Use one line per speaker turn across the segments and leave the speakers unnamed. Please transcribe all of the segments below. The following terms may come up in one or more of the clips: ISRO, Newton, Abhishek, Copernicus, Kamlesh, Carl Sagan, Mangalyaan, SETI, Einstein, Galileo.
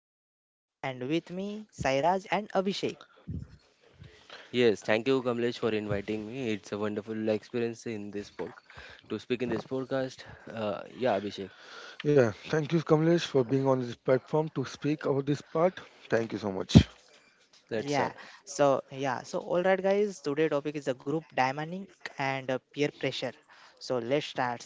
This is Kamlesh and with me Sairaj and Abhishek.
Yes, thank you, Kamlesh, for inviting me. It's a wonderful experience in this pod to speak in this podcast. Yeah, Abhishek,
Yeah, thank you, Kamlesh, for being on this platform to speak about this part. Thank you so much.
let's start.
Yeah. So all right, guys. Today topic is the group dynamic and peer pressure. So let's start.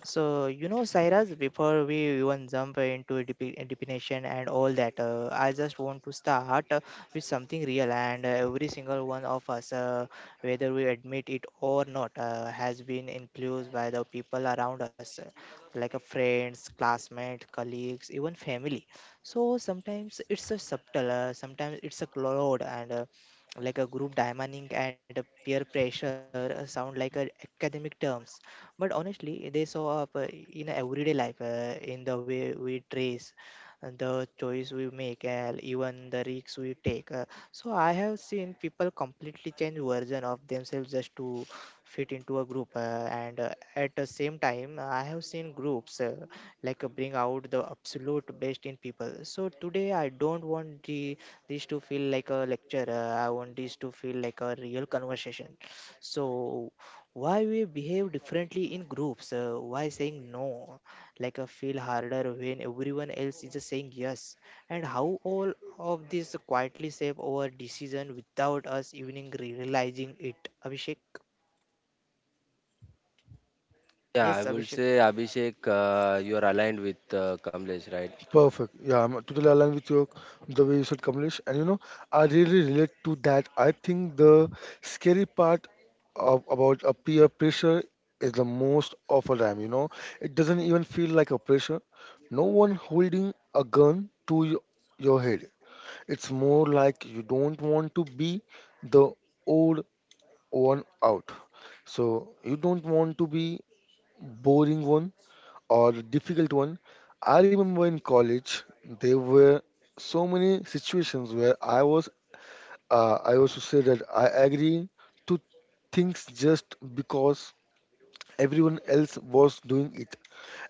So Cyrus, before we even jump into definition and all that, I just want to start with something real. And every single one of us, whether we admit it or not, has been influenced by the people around us, like a friends, classmates, colleagues, even family, so sometimes it's a subtle, sometimes it's a cloud, and like a group dynamic and a peer pressure sound like a academic terms, but honestly they show up in everyday life, in the way we dress, the choice we make, and even the risks we take. So I have seen people completely change version of themselves just to fit into a group. And At the same time, I have seen groups, bring out the absolute best in people. So today I don't want the this to feel like a lecture. I want this to feel like a real conversation. So why we behave differently in groups, why saying no like a feel harder when everyone else is saying yes, and how all of this quietly shape our decision without us even realizing it, Abhishek?
Yeah, I
Yes,
would
Abhishek.
say Abhishek, you are aligned with Kamlesh, right?
Perfect. Yeah, I'm totally aligned with you, the way you said, Kamlesh. And you know, I really relate to that. I think the scary part of, about a peer pressure is the most awful time. You know, it doesn't even feel like a pressure. No one holding a gun to your head. It's more like you don't want to be the old one out. So you don't want to be boring one or difficult one. I remember in college there were so many situations where I was I also say that I agree to things just because everyone else was doing it.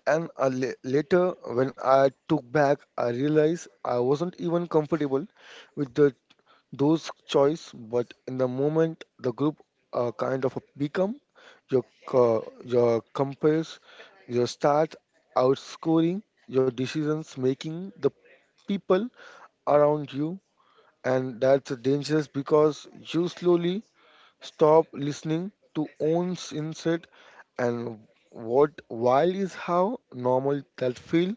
And later when I took back, I realized I wasn't even comfortable with the those choice, but in the moment the group kind of become your your compass. You start outscoring your decisions making the people around you, and that's dangerous because you slowly stop listening to own insight, and what while is how normal that feel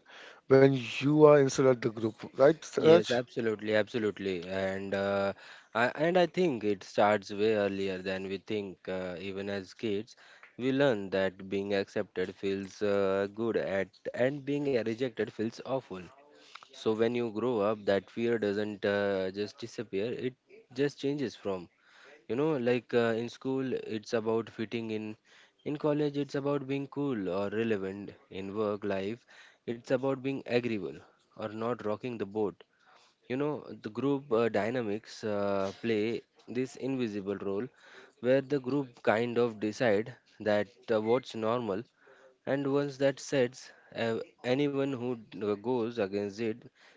when you are inside the group, right, Raj?
Yes, absolutely, absolutely, and I think it starts way earlier than we think. Even as kids, we learn that being accepted feels good at and being rejected feels awful. So when you grow up, that fear doesn't just disappear. It just changes from, you know, like in school, it's about fitting in. In college, it's about being cool or relevant. In work life, it's about being agreeable or not rocking the boat. You know, the group dynamics play this invisible role where the group kind of decide that what's normal, and once that sets, anyone who goes against it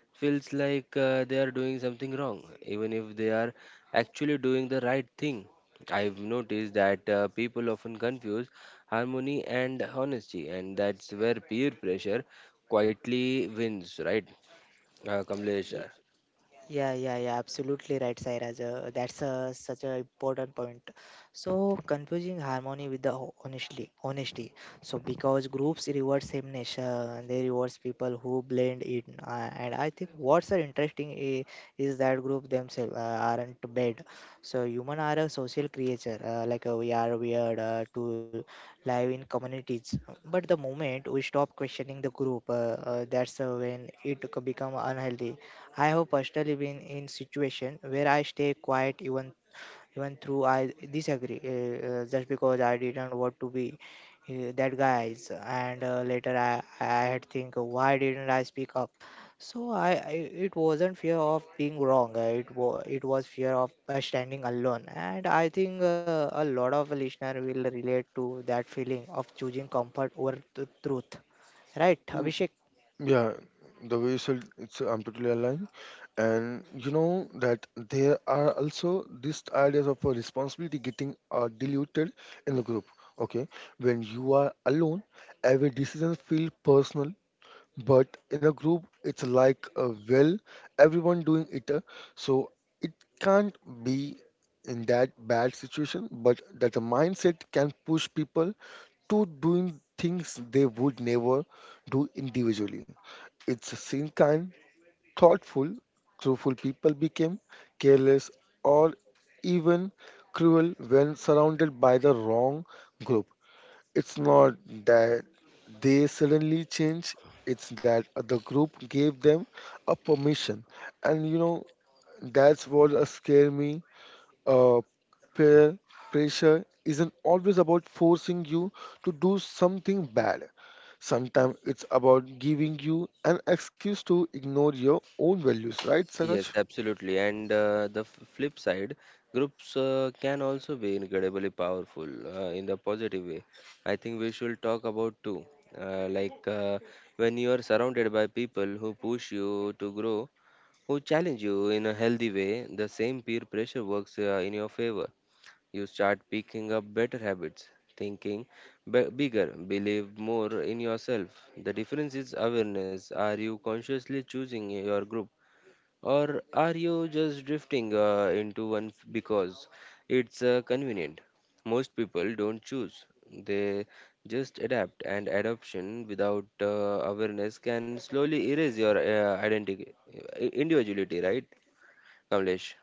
feels like they are doing something wrong, even if they are actually doing the right thing. I've noticed that people often confuse harmony and honesty, and that's where peer pressure quietly wins, right, Kamlesh?
Yeah, yeah, yeah, absolutely right, Sairaj. That's such an important point. So, confusing harmony with the honestly, honesty. So, because groups reward sameness, they rewards people who blend in. And I think what's interesting is that group themselves aren't bad. So, human are a social creature. We are weird to live in communities. But the moment we stop questioning the group, that's when it become unhealthy. I have personally been in situation where I stay quiet even through I disagree, just because I didn't want to be that guys. And later, I had think, why didn't I speak up? So I, I it wasn't fear of being wrong. It was fear of standing alone, and I think a lot of listener will relate to that feeling of choosing comfort over the truth, right, Abhishek?
Yeah, the way you said it's I'm totally aligned. And you know that there are also these ideas of a responsibility getting diluted in the group. Okay, when you are alone, every decision feels personal, but in a group it's like well, everyone doing it, so it can't be in that bad situation, but that the mindset can push people to doing things they would never do individually. It's a same kind thoughtful truthful people became careless or even cruel when surrounded by the wrong group. It's not that they suddenly change, it's that the group gave them a permission. And you know, that's what scare me. Uh, Peer pressure isn't always about forcing you to do something bad. Sometimes it's about giving you an excuse to ignore your own values, right,
Yes,
Saraj?
absolutely. And the flip side, groups can also be incredibly powerful in the positive way. I think we should talk about too. Uh, like uh, when you are surrounded by people who push you to grow, who challenge you in a healthy way, the same peer pressure works in your favor. You start picking up better habits, thinking bigger, believe more in yourself. The difference is awareness. Are you consciously choosing your group? Or are you just drifting into one because it's convenient? Most people don't choose, they just adapt, and adoption without awareness can slowly erase your identity, individuality, right, Kamlesh?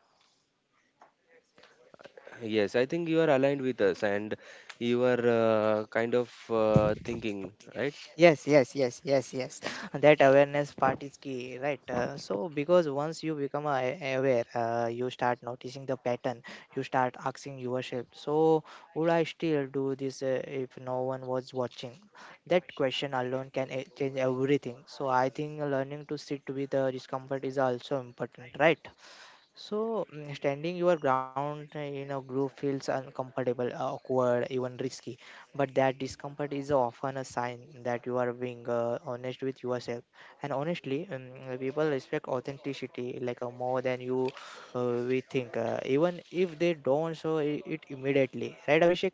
Yes, I think you are aligned with us and you are kind of thinking, right?
Yes, yes, yes, yes, yes. That awareness part is key, right? Because once you become aware, you start noticing the pattern, you start asking yourself, so would I still do this if no one was watching? That question alone can change everything. So, I think learning to sit with the discomfort is also important, right? So, standing your ground in a group feels uncomfortable, awkward, even risky. But that discomfort is often a sign that you are being honest with yourself. And honestly, people respect authenticity more than you we think, even if they don't show it immediately. Right, Abhishek?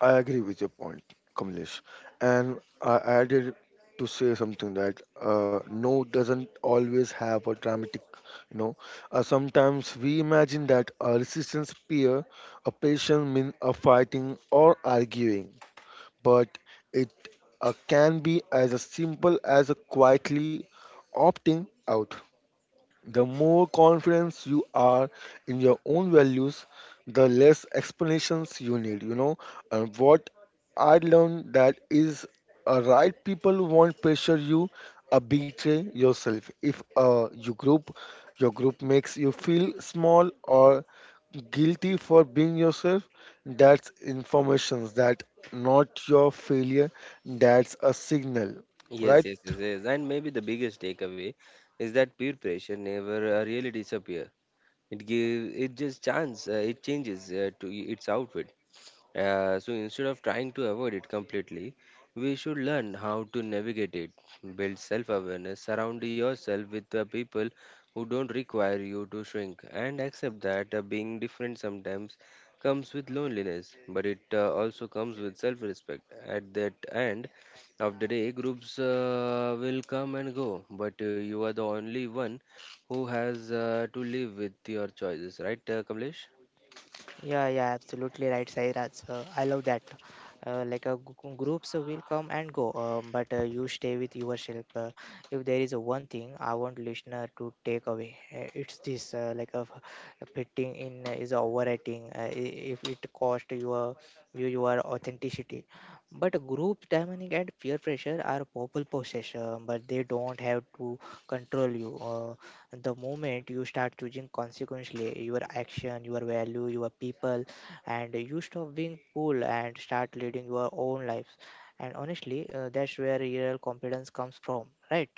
I agree with your point, Kamlesh. And I added to say something that no doesn't always have a dramatic, you know. Sometimes we imagine that a resistance peer, a patient means a fighting or arguing, but it can be as a simple as a quietly opting out. The more confidence you are in your own values, the less explanations you need, you know. And what I learned that is right people won't pressure you or betray yourself. If you group your group makes you feel small or guilty for being yourself, that's information, that not your failure, that's a signal,
Yes,
right?
yes, yes, yes. And maybe the biggest takeaway is that peer pressure never really disappears. It give it just chance. It changes to its outfit. So instead of trying to avoid it completely, we should learn how to navigate it, build self awareness, surround yourself with the people who don't require you to shrink, and accept that being different sometimes comes with loneliness, but it also comes with self respect. At that end of the day, groups will come and go, but you are the only one who has to live with your choices, right, Kamlesh?
Yeah, yeah, absolutely right, Sairaj. I love that. Groups will come and go, but you stay with yourself. If there is one thing I want listener to take away, it's this: fitting in is overrating. If it cost you your authenticity, but group dynamic and peer pressure are people possession, but they don't have to control you. The moment you start choosing consequently your action, your value, your people, and you stop being pulled and start leading your own lives, and honestly, that's where real confidence comes from, right?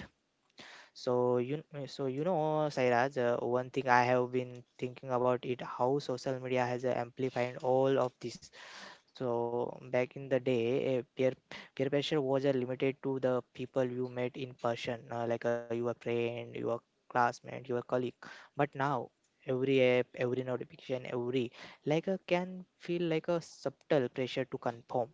So you know, Sairaj, one thing I have been thinking about it, how social media has amplified all of this. So back in the day, peer pressure was limited to the people you met in person, your friend, your classmate, your colleague. But now, every app, every notification, every like can feel like a subtle pressure to conform.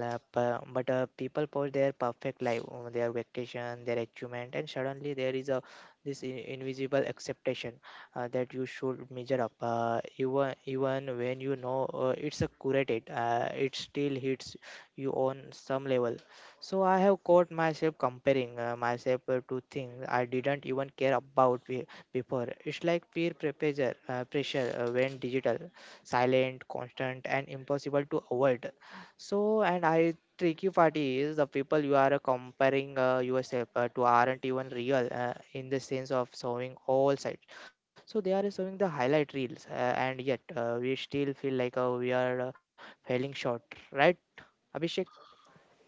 But people post their perfect life, their vacation, their achievement, and suddenly there is a this invisible expectation that you should measure up. Even when you know it's a curated, it still hits you on some level. So I have caught myself comparing myself to things I didn't even care about before. It's like peer pressure, when digital, silent, constant, and impossible to avoid. So, and I tricky part is the people you are comparing yourself to aren't even real in the sense of showing all sides. So they are showing the highlight reels, and yet we still feel like we are failing short, right, Abhishek?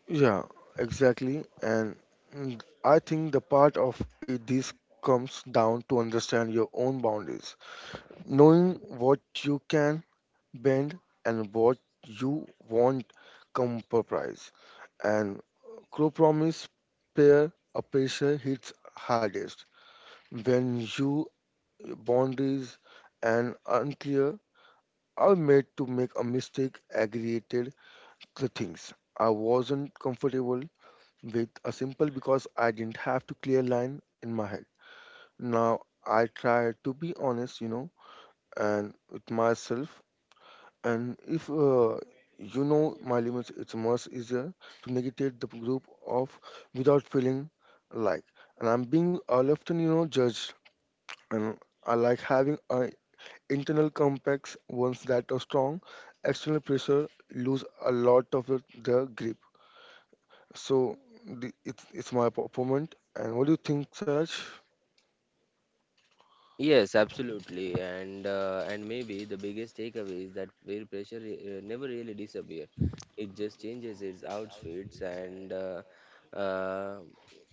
Yeah, exactly. And I think the part of it, this comes down to understand your own boundaries, knowing what you can bend and what you won't compromise. And compromise pair a pressure hits hardest when you boundaries and unclear are made to make a mistake aggregated the things I wasn't comfortable with a simple because I didn't have to clear line in my head. Now I try to be honest, you know, and with myself. And if you know my limits, it's much easier to negotiate the group of without feeling like. And I'm being often, you know, judged. And I like having an internal complex ones that are strong. External pressure lose a lot of their grip. So the, it's my opponent. And what do you think, Saraj?
Yes, absolutely, and maybe the biggest takeaway is that peer pressure never really disappears. It just changes its outfits uh,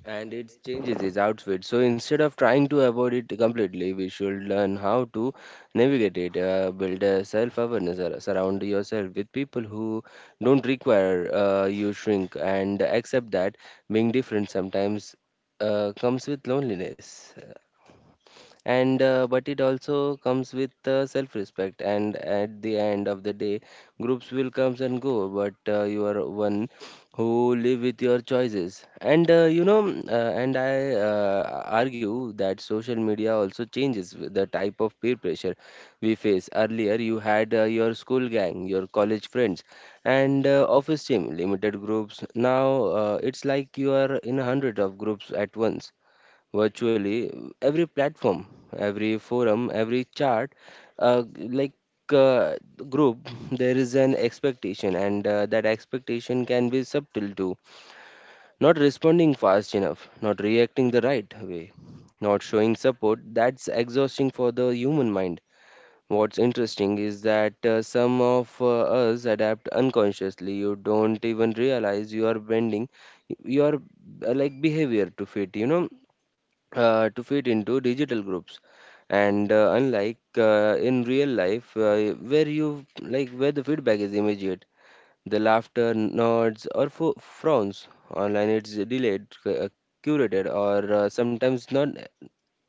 and it changes its outfit. So instead of trying to avoid it completely, we should learn how to navigate it. Build a self-awareness. Surround yourself with people who don't require you shrink, and accept that being different sometimes comes with loneliness and but it also comes with self-respect, and at the end of the day groups will comes and go, but you are one who live with your choices. And you know mm, and I argue that social media also changes with the type of peer pressure we face. Earlier you had your school gang, your college friends, and office team, limited groups. Now it's like you are in hundreds of groups at once, virtually every platform, every forum, every chat, uh, like uh, group, there is an expectation, and that expectation can be subtle too. Not responding fast enough, not reacting the right way, not showing support. That's exhausting for the human mind. What's interesting is that some of us adapt unconsciously. You don't even realize you are bending your like behavior to fit. You know, to fit into digital groups, and unlike in real life where you like where the feedback is immediate, the laughter, nods or frowns, online it's delayed, curated, or sometimes non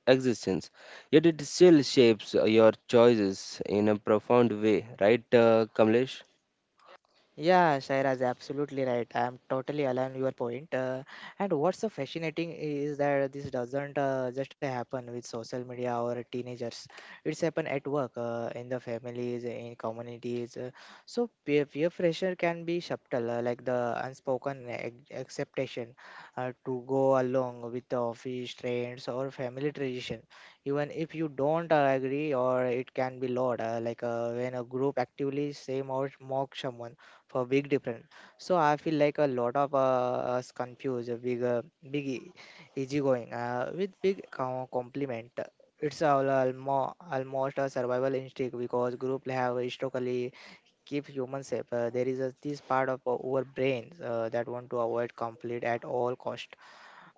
existence, yet it still shapes your choices in a profound way, right, Kamlesh?
Yeah, Shairaz, absolutely right. I'm totally aligned with your point. And what's so fascinating is that this doesn't just happen with social media or teenagers. It's happen at work, in the families, in communities. So peer pressure can be subtle, like the unspoken acceptation to go along with the office trends or family tradition even if you don't agree, or it can be lot, when a group actively shame or mock someone for big difference. So I feel like a lot of us confuse a big, big e- easygoing with big compliment. It's all almost a survival instinct because group have historically keep humans safe. There is this part of our brains that want to avoid conflict at all cost.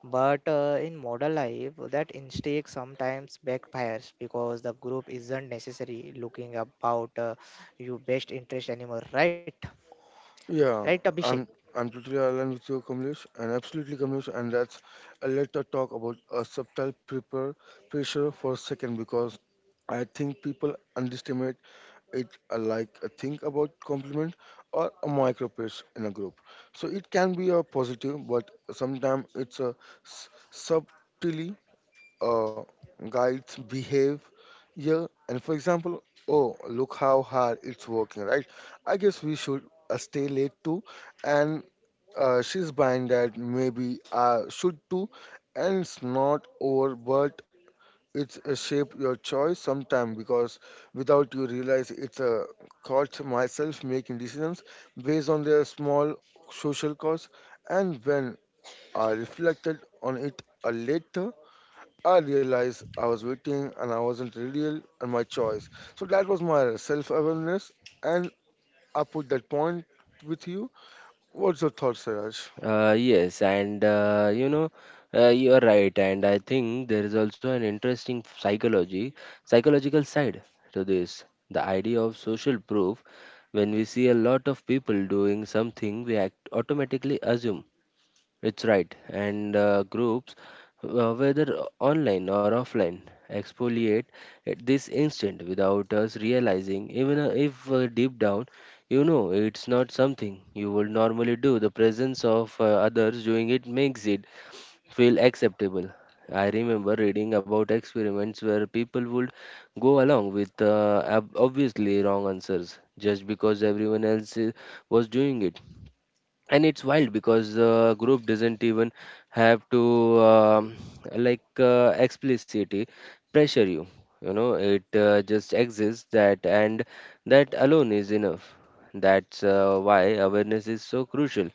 But in modern life, that instinct sometimes backfires because the group isn't necessarily looking about your best interest anymore, right? Right,
Yeah,
Abhishek?
I'm I'm totally aligned with you, Kamlesh, and absolutely Kamlesh. And that's let us talk about a subtle prepare pressure for a second, because I think people underestimate it. Like a think about compliment or a micro pitch in a group. So it can be a positive, but sometimes it's a subtly uh, guides behave. Yeah, and for example, oh look how hard it's working, right, I guess we should stay late too. And she's buying that, maybe I should too. And it's not over, but it's a shape your choice sometime, because without you realize it's a caught myself making decisions based on their small social costs, and when I reflected on it a later, I realized I was waiting and I wasn't really real and my choice. So that was my self awareness. And I put that point with you. What's your thought, Siraj?
Yes, and you know, you are right, and I think there is also an interesting psychology, psychological side to this. The idea of social proof, when we see a lot of people doing something, we act automatically assume it's right. And groups, whether online or offline, exfoliate at this instant without us realizing, even if deep down you know it's not something you would normally do. The presence of others doing it makes it feel acceptable. I remember reading about experiments where people would go along with obviously wrong answers just because everyone else was doing it, and it's wild because the group doesn't even have to explicitly pressure you. You know it just exists, that and that alone is enough. That's why awareness is so crucial,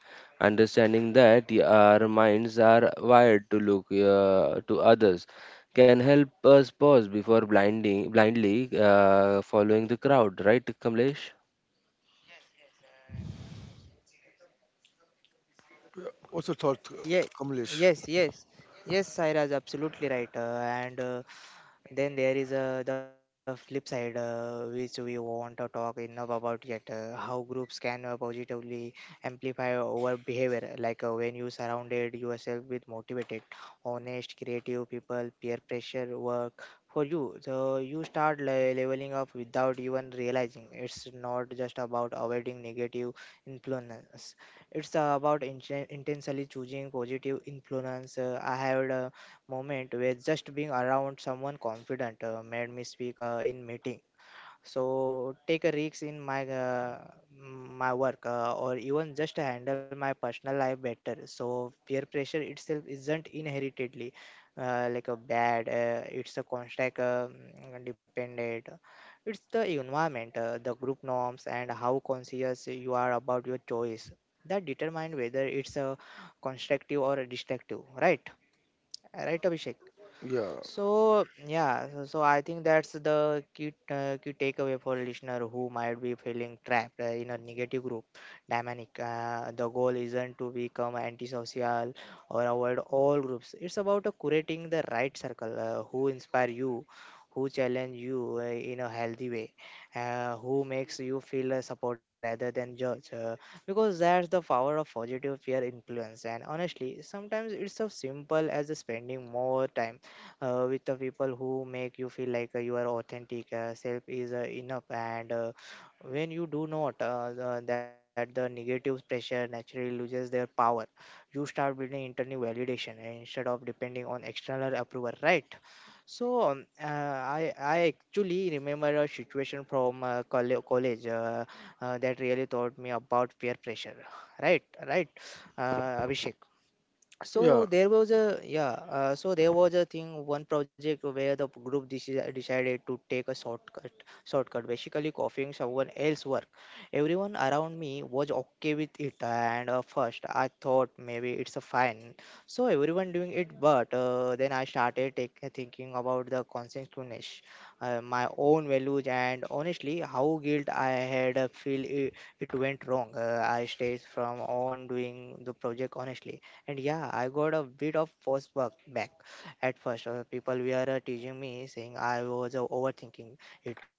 understanding that our minds are wired to look to others can help us pause before blinding blindly following the crowd, right, Kamlesh?
What's your thought,
Yeah,
Kamlesh?
yes, yes, yes, Sairaj, absolutely right. And Then there is the flip side, which we want to talk enough about yet. How groups can positively amplify our behavior, when you surrounded yourself with motivated, honest, creative people, peer pressure work for you. So you start leveling up without even realizing. It's not just about avoiding negative influence. It's about intentionally choosing positive influence. I have. Moment where just being around someone confident made me speak in meeting, so take a risk in my my work, or even just handle my personal life better. So peer pressure itself isn't inheritedly a bad, it's a constant dependent. It's the environment, the group norms and how conscious you are about your choice that determine whether it's a constructive or a destructive, right? Right, Abhishek?
Yeah,
So I think that's the key key takeaway for listener who might be feeling trapped in a negative group dynamic. The goal isn't to become antisocial or avoid all groups. It's about curating the right circle, who inspire you, who challenge you in a healthy way, who makes you feel supported rather than judged. Because that's the power of positive peer influence. And honestly, sometimes it's so simple as spending more time with the people who make you feel like you are authentic self is enough. And when you do not that the negative pressure naturally loses their power, you start building internal validation instead of depending on external approval, right? So I actually remember a situation from college, that really taught me about peer pressure, right right, Abhishek?
yeah.
So there was a yeah. Uh, so there was a thing one project where the group decided to take a shortcut. Shortcut basically copying someone else's work. Everyone around me was okay with it, and first I thought maybe it's a fine. So everyone doing it, but then I started thinking about the consequences, my own values, and honestly how guilt I had feel it, it went wrong. I stayed from on doing the project honestly, and yeah, I got a bit of pushback back at first. People were teasing me, saying I was overthinking it.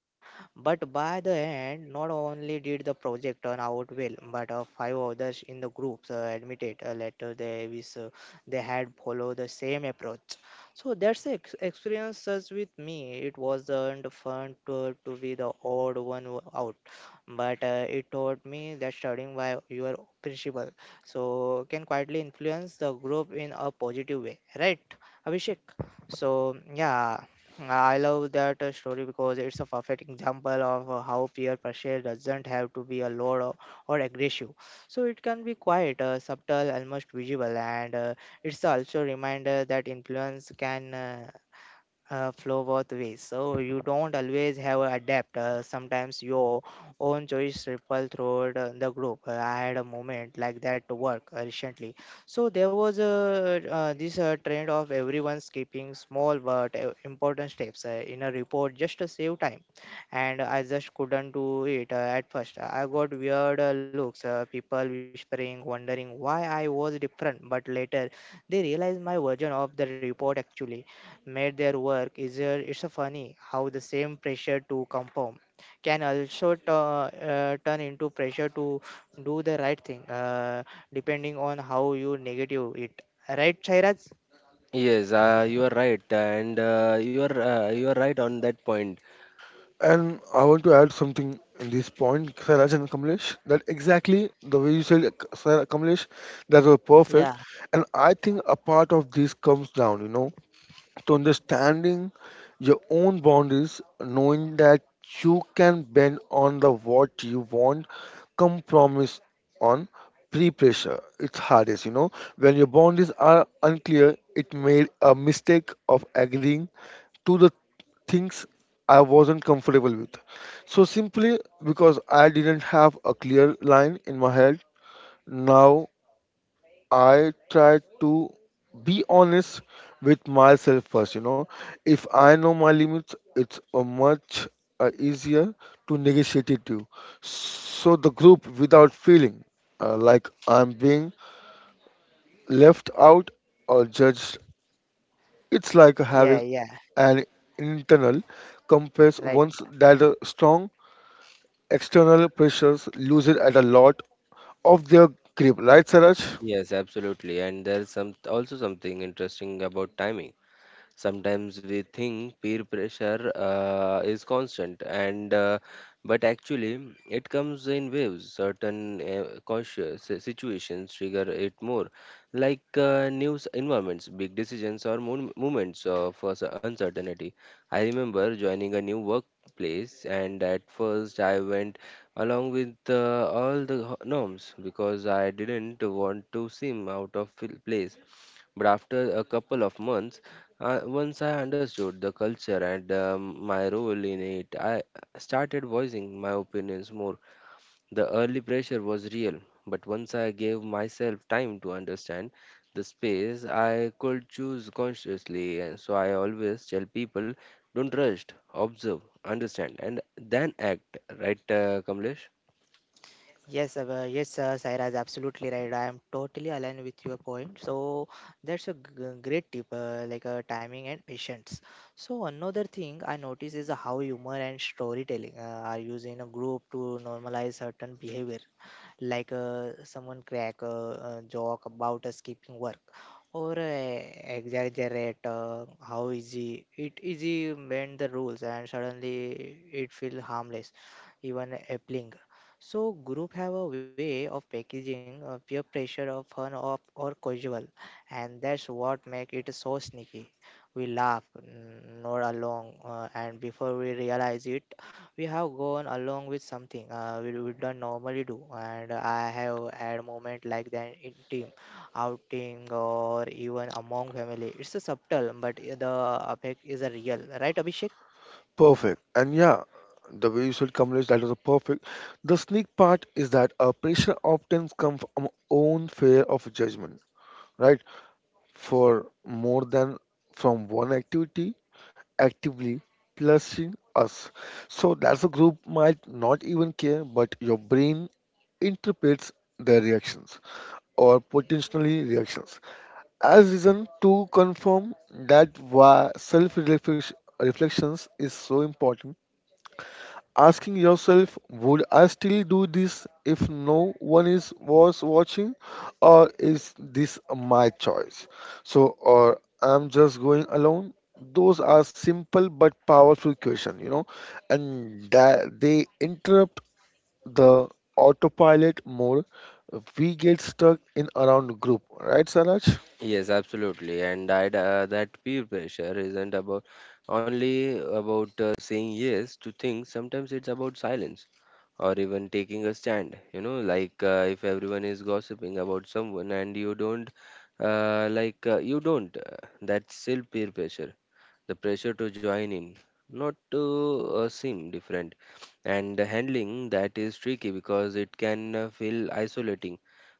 But by the end, not only did the project turn out well, but five others in the groups admitted later they wish they had followed the same approach. So that's the experiences with me. It wasn't fun to be the odd one out, but it taught me that studying by your principle so can quietly influence the group in a positive way, right, Abhishek? So yeah, I love that story, because it's a perfect example of how peer pressure doesn't have to be a loud or aggressive. So it can be quite subtle, almost visible, and it's also a reminder that influence can flow both ways. So you don't always have a adapt. Sometimes your own choice ripple through the group. I had a moment like that to work recently. So there was a this trend of everyone skipping small but important steps in a report just to save time, and I just couldn't do it at first. I got weird looks, people whispering, wondering why I was different. But later, they realized my version of the report actually made their work easier. It's a funny how the same pressure to conform can also turn into pressure to do the right thing, depending on how you negative it. Right, Chairaj?
Yes, you are right, and you are right on that point.
And I want to add something in this point, Siraj and Kamlesh, that exactly the way you said, Sir Kamlesh, that was perfect.
Yeah,
And I think a part of this comes down, you know, to understanding your own boundaries, knowing that you can bend on the what you want, compromise on pre-pressure. It's hardest, you know. When your boundaries are unclear, it made a mistake of agreeing to the things I wasn't comfortable with. So simply because I didn't have a clear line in my head, now I try to be honest with myself first. You know, if I know my limits, it's much easier to negotiate it to. So the group without feeling like I'm being left out or judged. It's like having
yeah,
an internal compass
right.
once that strong external pressures lose it at a lot of their grip. Right, Saraj?
Yes, absolutely, and there's some also something interesting about timing. Sometimes we think peer pressure is constant, and but actually it comes in waves. Certain conscious situations trigger it more, like news environments, big decisions, or moments of uncertainty. I remember joining a new workplace, and at first I went along with all the norms because I didn't want to seem out of place. But after a couple of months, once I understood the culture and my role in it, I started voicing my opinions more. The early pressure was real, but once I gave myself time to understand the space, I could choose consciously. And so I always tell people don't rush, observe, understand, and then act. Right, Kamlesh?
Yes, yes, Saira is absolutely right. I am totally aligned with your point. So that's a great tip, like timing and patience. So another thing I notice is how humor and storytelling are used in a group to normalize certain behavior, like someone crack a joke about skipping work or exaggerate how easy it easy bend the rules, and suddenly it feel harmless, even appealing. So group have a way of packaging peer pressure of fun of or casual, and that's what make it so sneaky. We laugh, nod along, and before we realize it, we have gone along with something we don't normally do. And I have had moment like that in team outing or even among family. It's a subtle, but the effect is a real, right, Abhishek?
Perfect. And yeah, the way you said, Kamlesh, that was a perfect. The sneak part is that pressure often comes from own fear of judgment, right? For more than from one activity actively plusing us. So that's a group might not even care, but your brain interprets their reactions or potentially reactions as reason to confirm that why self reflections is so important, asking yourself, would I still do this if no one is was watching, or is this my choice? So, or I'm just going alone. Those are simple but powerful question, you know, and that they interrupt the autopilot mode. We get stuck in around group, right, Saraj?
Yes, absolutely. And I, that peer pressure isn't about only about saying yes to things. Sometimes it's about silence or even taking a stand. You know, like if everyone is gossiping about someone and you don't, that's still peer pressure. The pressure to join in, not to seem different. And handling that is tricky because it can feel isolating.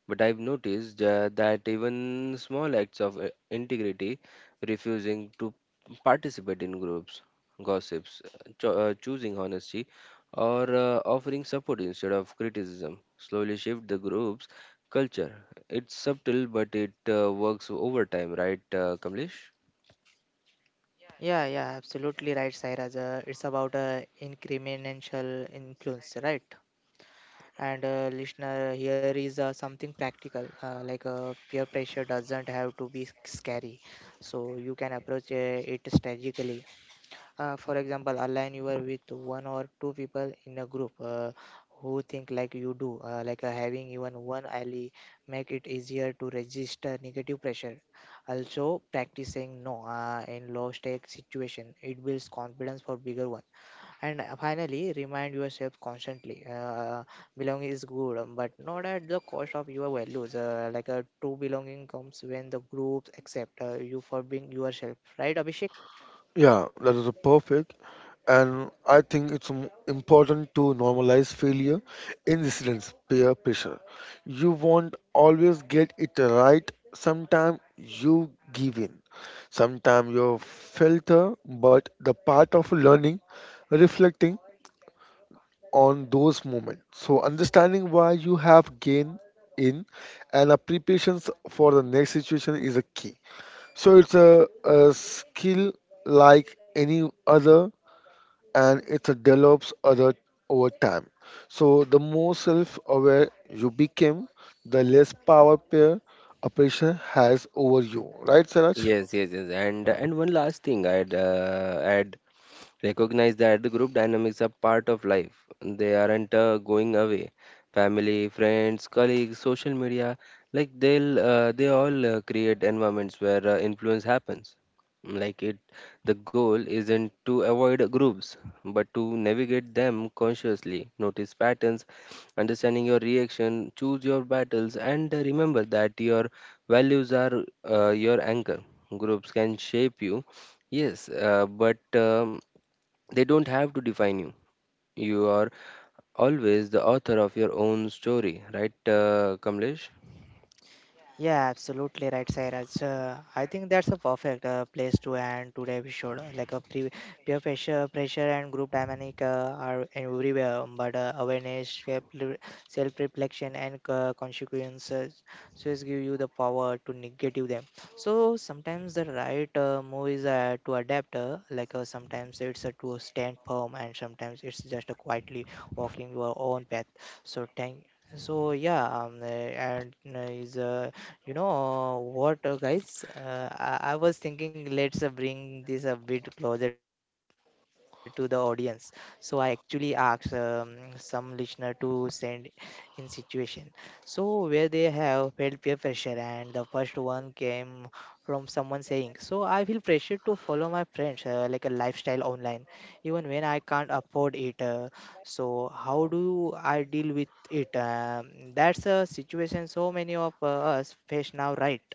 But I've noticed that even small acts of integrity, refusing to participate in groups, gossips, choosing honesty, or offering support instead of criticism slowly shift the group's culture. It's subtle, but it works over time, right, Kamlesh?
Yeah, yeah, absolutely right, Sairaj. It's about incremental influence, right? And listener here is something practical, like peer pressure doesn't have to be scary. So you can approach it strategically. For example, align you are with one or two people in a group, who think like you do, like having even one ally make it easier to register negative pressure. Also practicing no in low stake situation, it builds confidence for bigger one. And finally, remind yourself constantly belonging is good, but not at the cost of your values, like a true belonging comes when the groups accept you for being yourself, right, Abhishek?
Yeah, that is a perfect. And I think it's important to normalize failure in residence peer pressure. You won't always get it right. Sometimes you give in. Sometimes you filter, but the part of learning, reflecting on those moments. So understanding why you have gained in and a preparations for the next situation is a key. So it's a skill like any other, and it develops other over time. So the more self-aware you become, the less power peer oppression has over you. Right, Saraj?
Yes, yes, yes. And one last thing I'd add. Recognize that the group dynamics are part of life. They aren't going away. Family, friends, colleagues, social media, like they'll they all create environments where influence happens. Like it, the goal isn't to avoid groups, but to navigate them consciously, notice patterns, understanding your reaction, choose your battles, and remember that your values are your anchor. Groups can shape you, yes, but they don't have to define you. You are always the author of your own story, right, Kamlesh?
Yeah, absolutely right, Sairaj. I think that's a perfect place to end today. We should like a peer pressure, pressure and group dynamic are everywhere, but awareness, self reflection, and consequences just give you the power to negative them. So sometimes the right move is to adapt. Like sometimes it's to stand firm, and sometimes it's just quietly walking your own path. So thank. So yeah, and is you know what, guys? I was thinking, let's bring this a bit closer to the audience. So I actually asked some listener to send in situation. So where they have felt peer pressure, and the first one came from someone saying, "So I feel pressure to follow my friends like a lifestyle online, even when I can't afford it. So how do I deal with it?" That's a situation so many of us face now, right?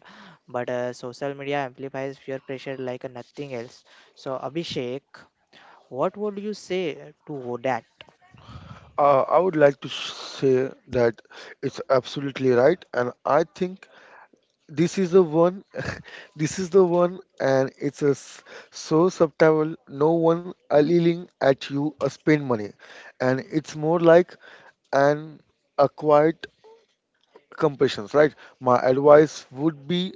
But social media amplifies peer pressure like nothing else. So Abhishek, what would you say to that?
I would like to say that it's absolutely right, and I think this is the one, this is the one, and it's a so subtle. No one yelling at you spend money, and it's more like an acquired compassions, right? My advice would be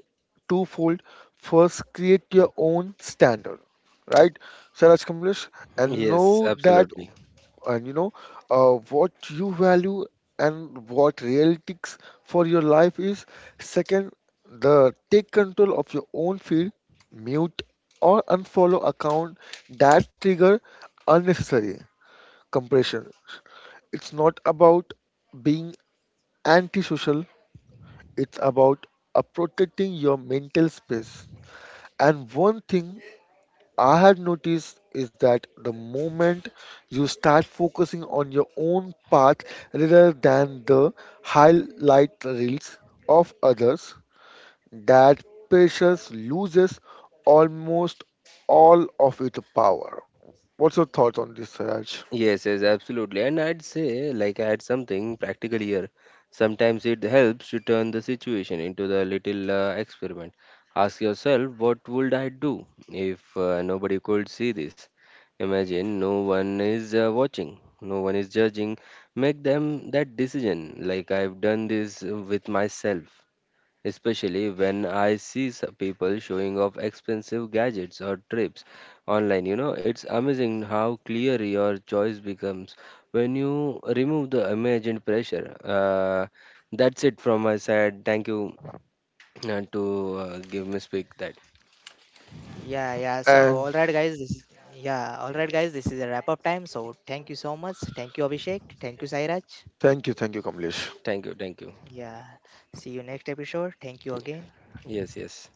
twofold. First, create your own standard, right, Saraj Kamlesh, and
Yes,
know that
absolutely.
and you know what you value and what realities for your life is. Second, the take control of your own feed, mute or unfollow account that trigger unnecessary compression. It's not about being antisocial, it's about protecting your mental space. And one thing I have noticed is that the moment you start focusing on your own path rather than the highlight reels of others, that precious loses almost all of its power. What's your thoughts on this, Raj?
Yes, yes, absolutely. And I'd say, like, I had something practical here. Sometimes it helps to turn the situation into the little experiment. Ask yourself, what would I do if nobody could see this? Imagine no one is watching, no one is judging. Make them that decision, like I've done this with myself, especially when I see people showing off expensive gadgets or trips online. You know, it's amazing how clear your choice becomes when you remove the imagined pressure. That's it from my side. Thank you to give me speak that.
yeah yeah so
And
all right guys this is, yeah, all right guys, this is a wrap up time. So thank you so much, thank you Abhishek, thank you Sairaj,
thank you, Kamlesh.
Thank you, thank you.
yeah. See you next episode, thank you again.
Yes, yes.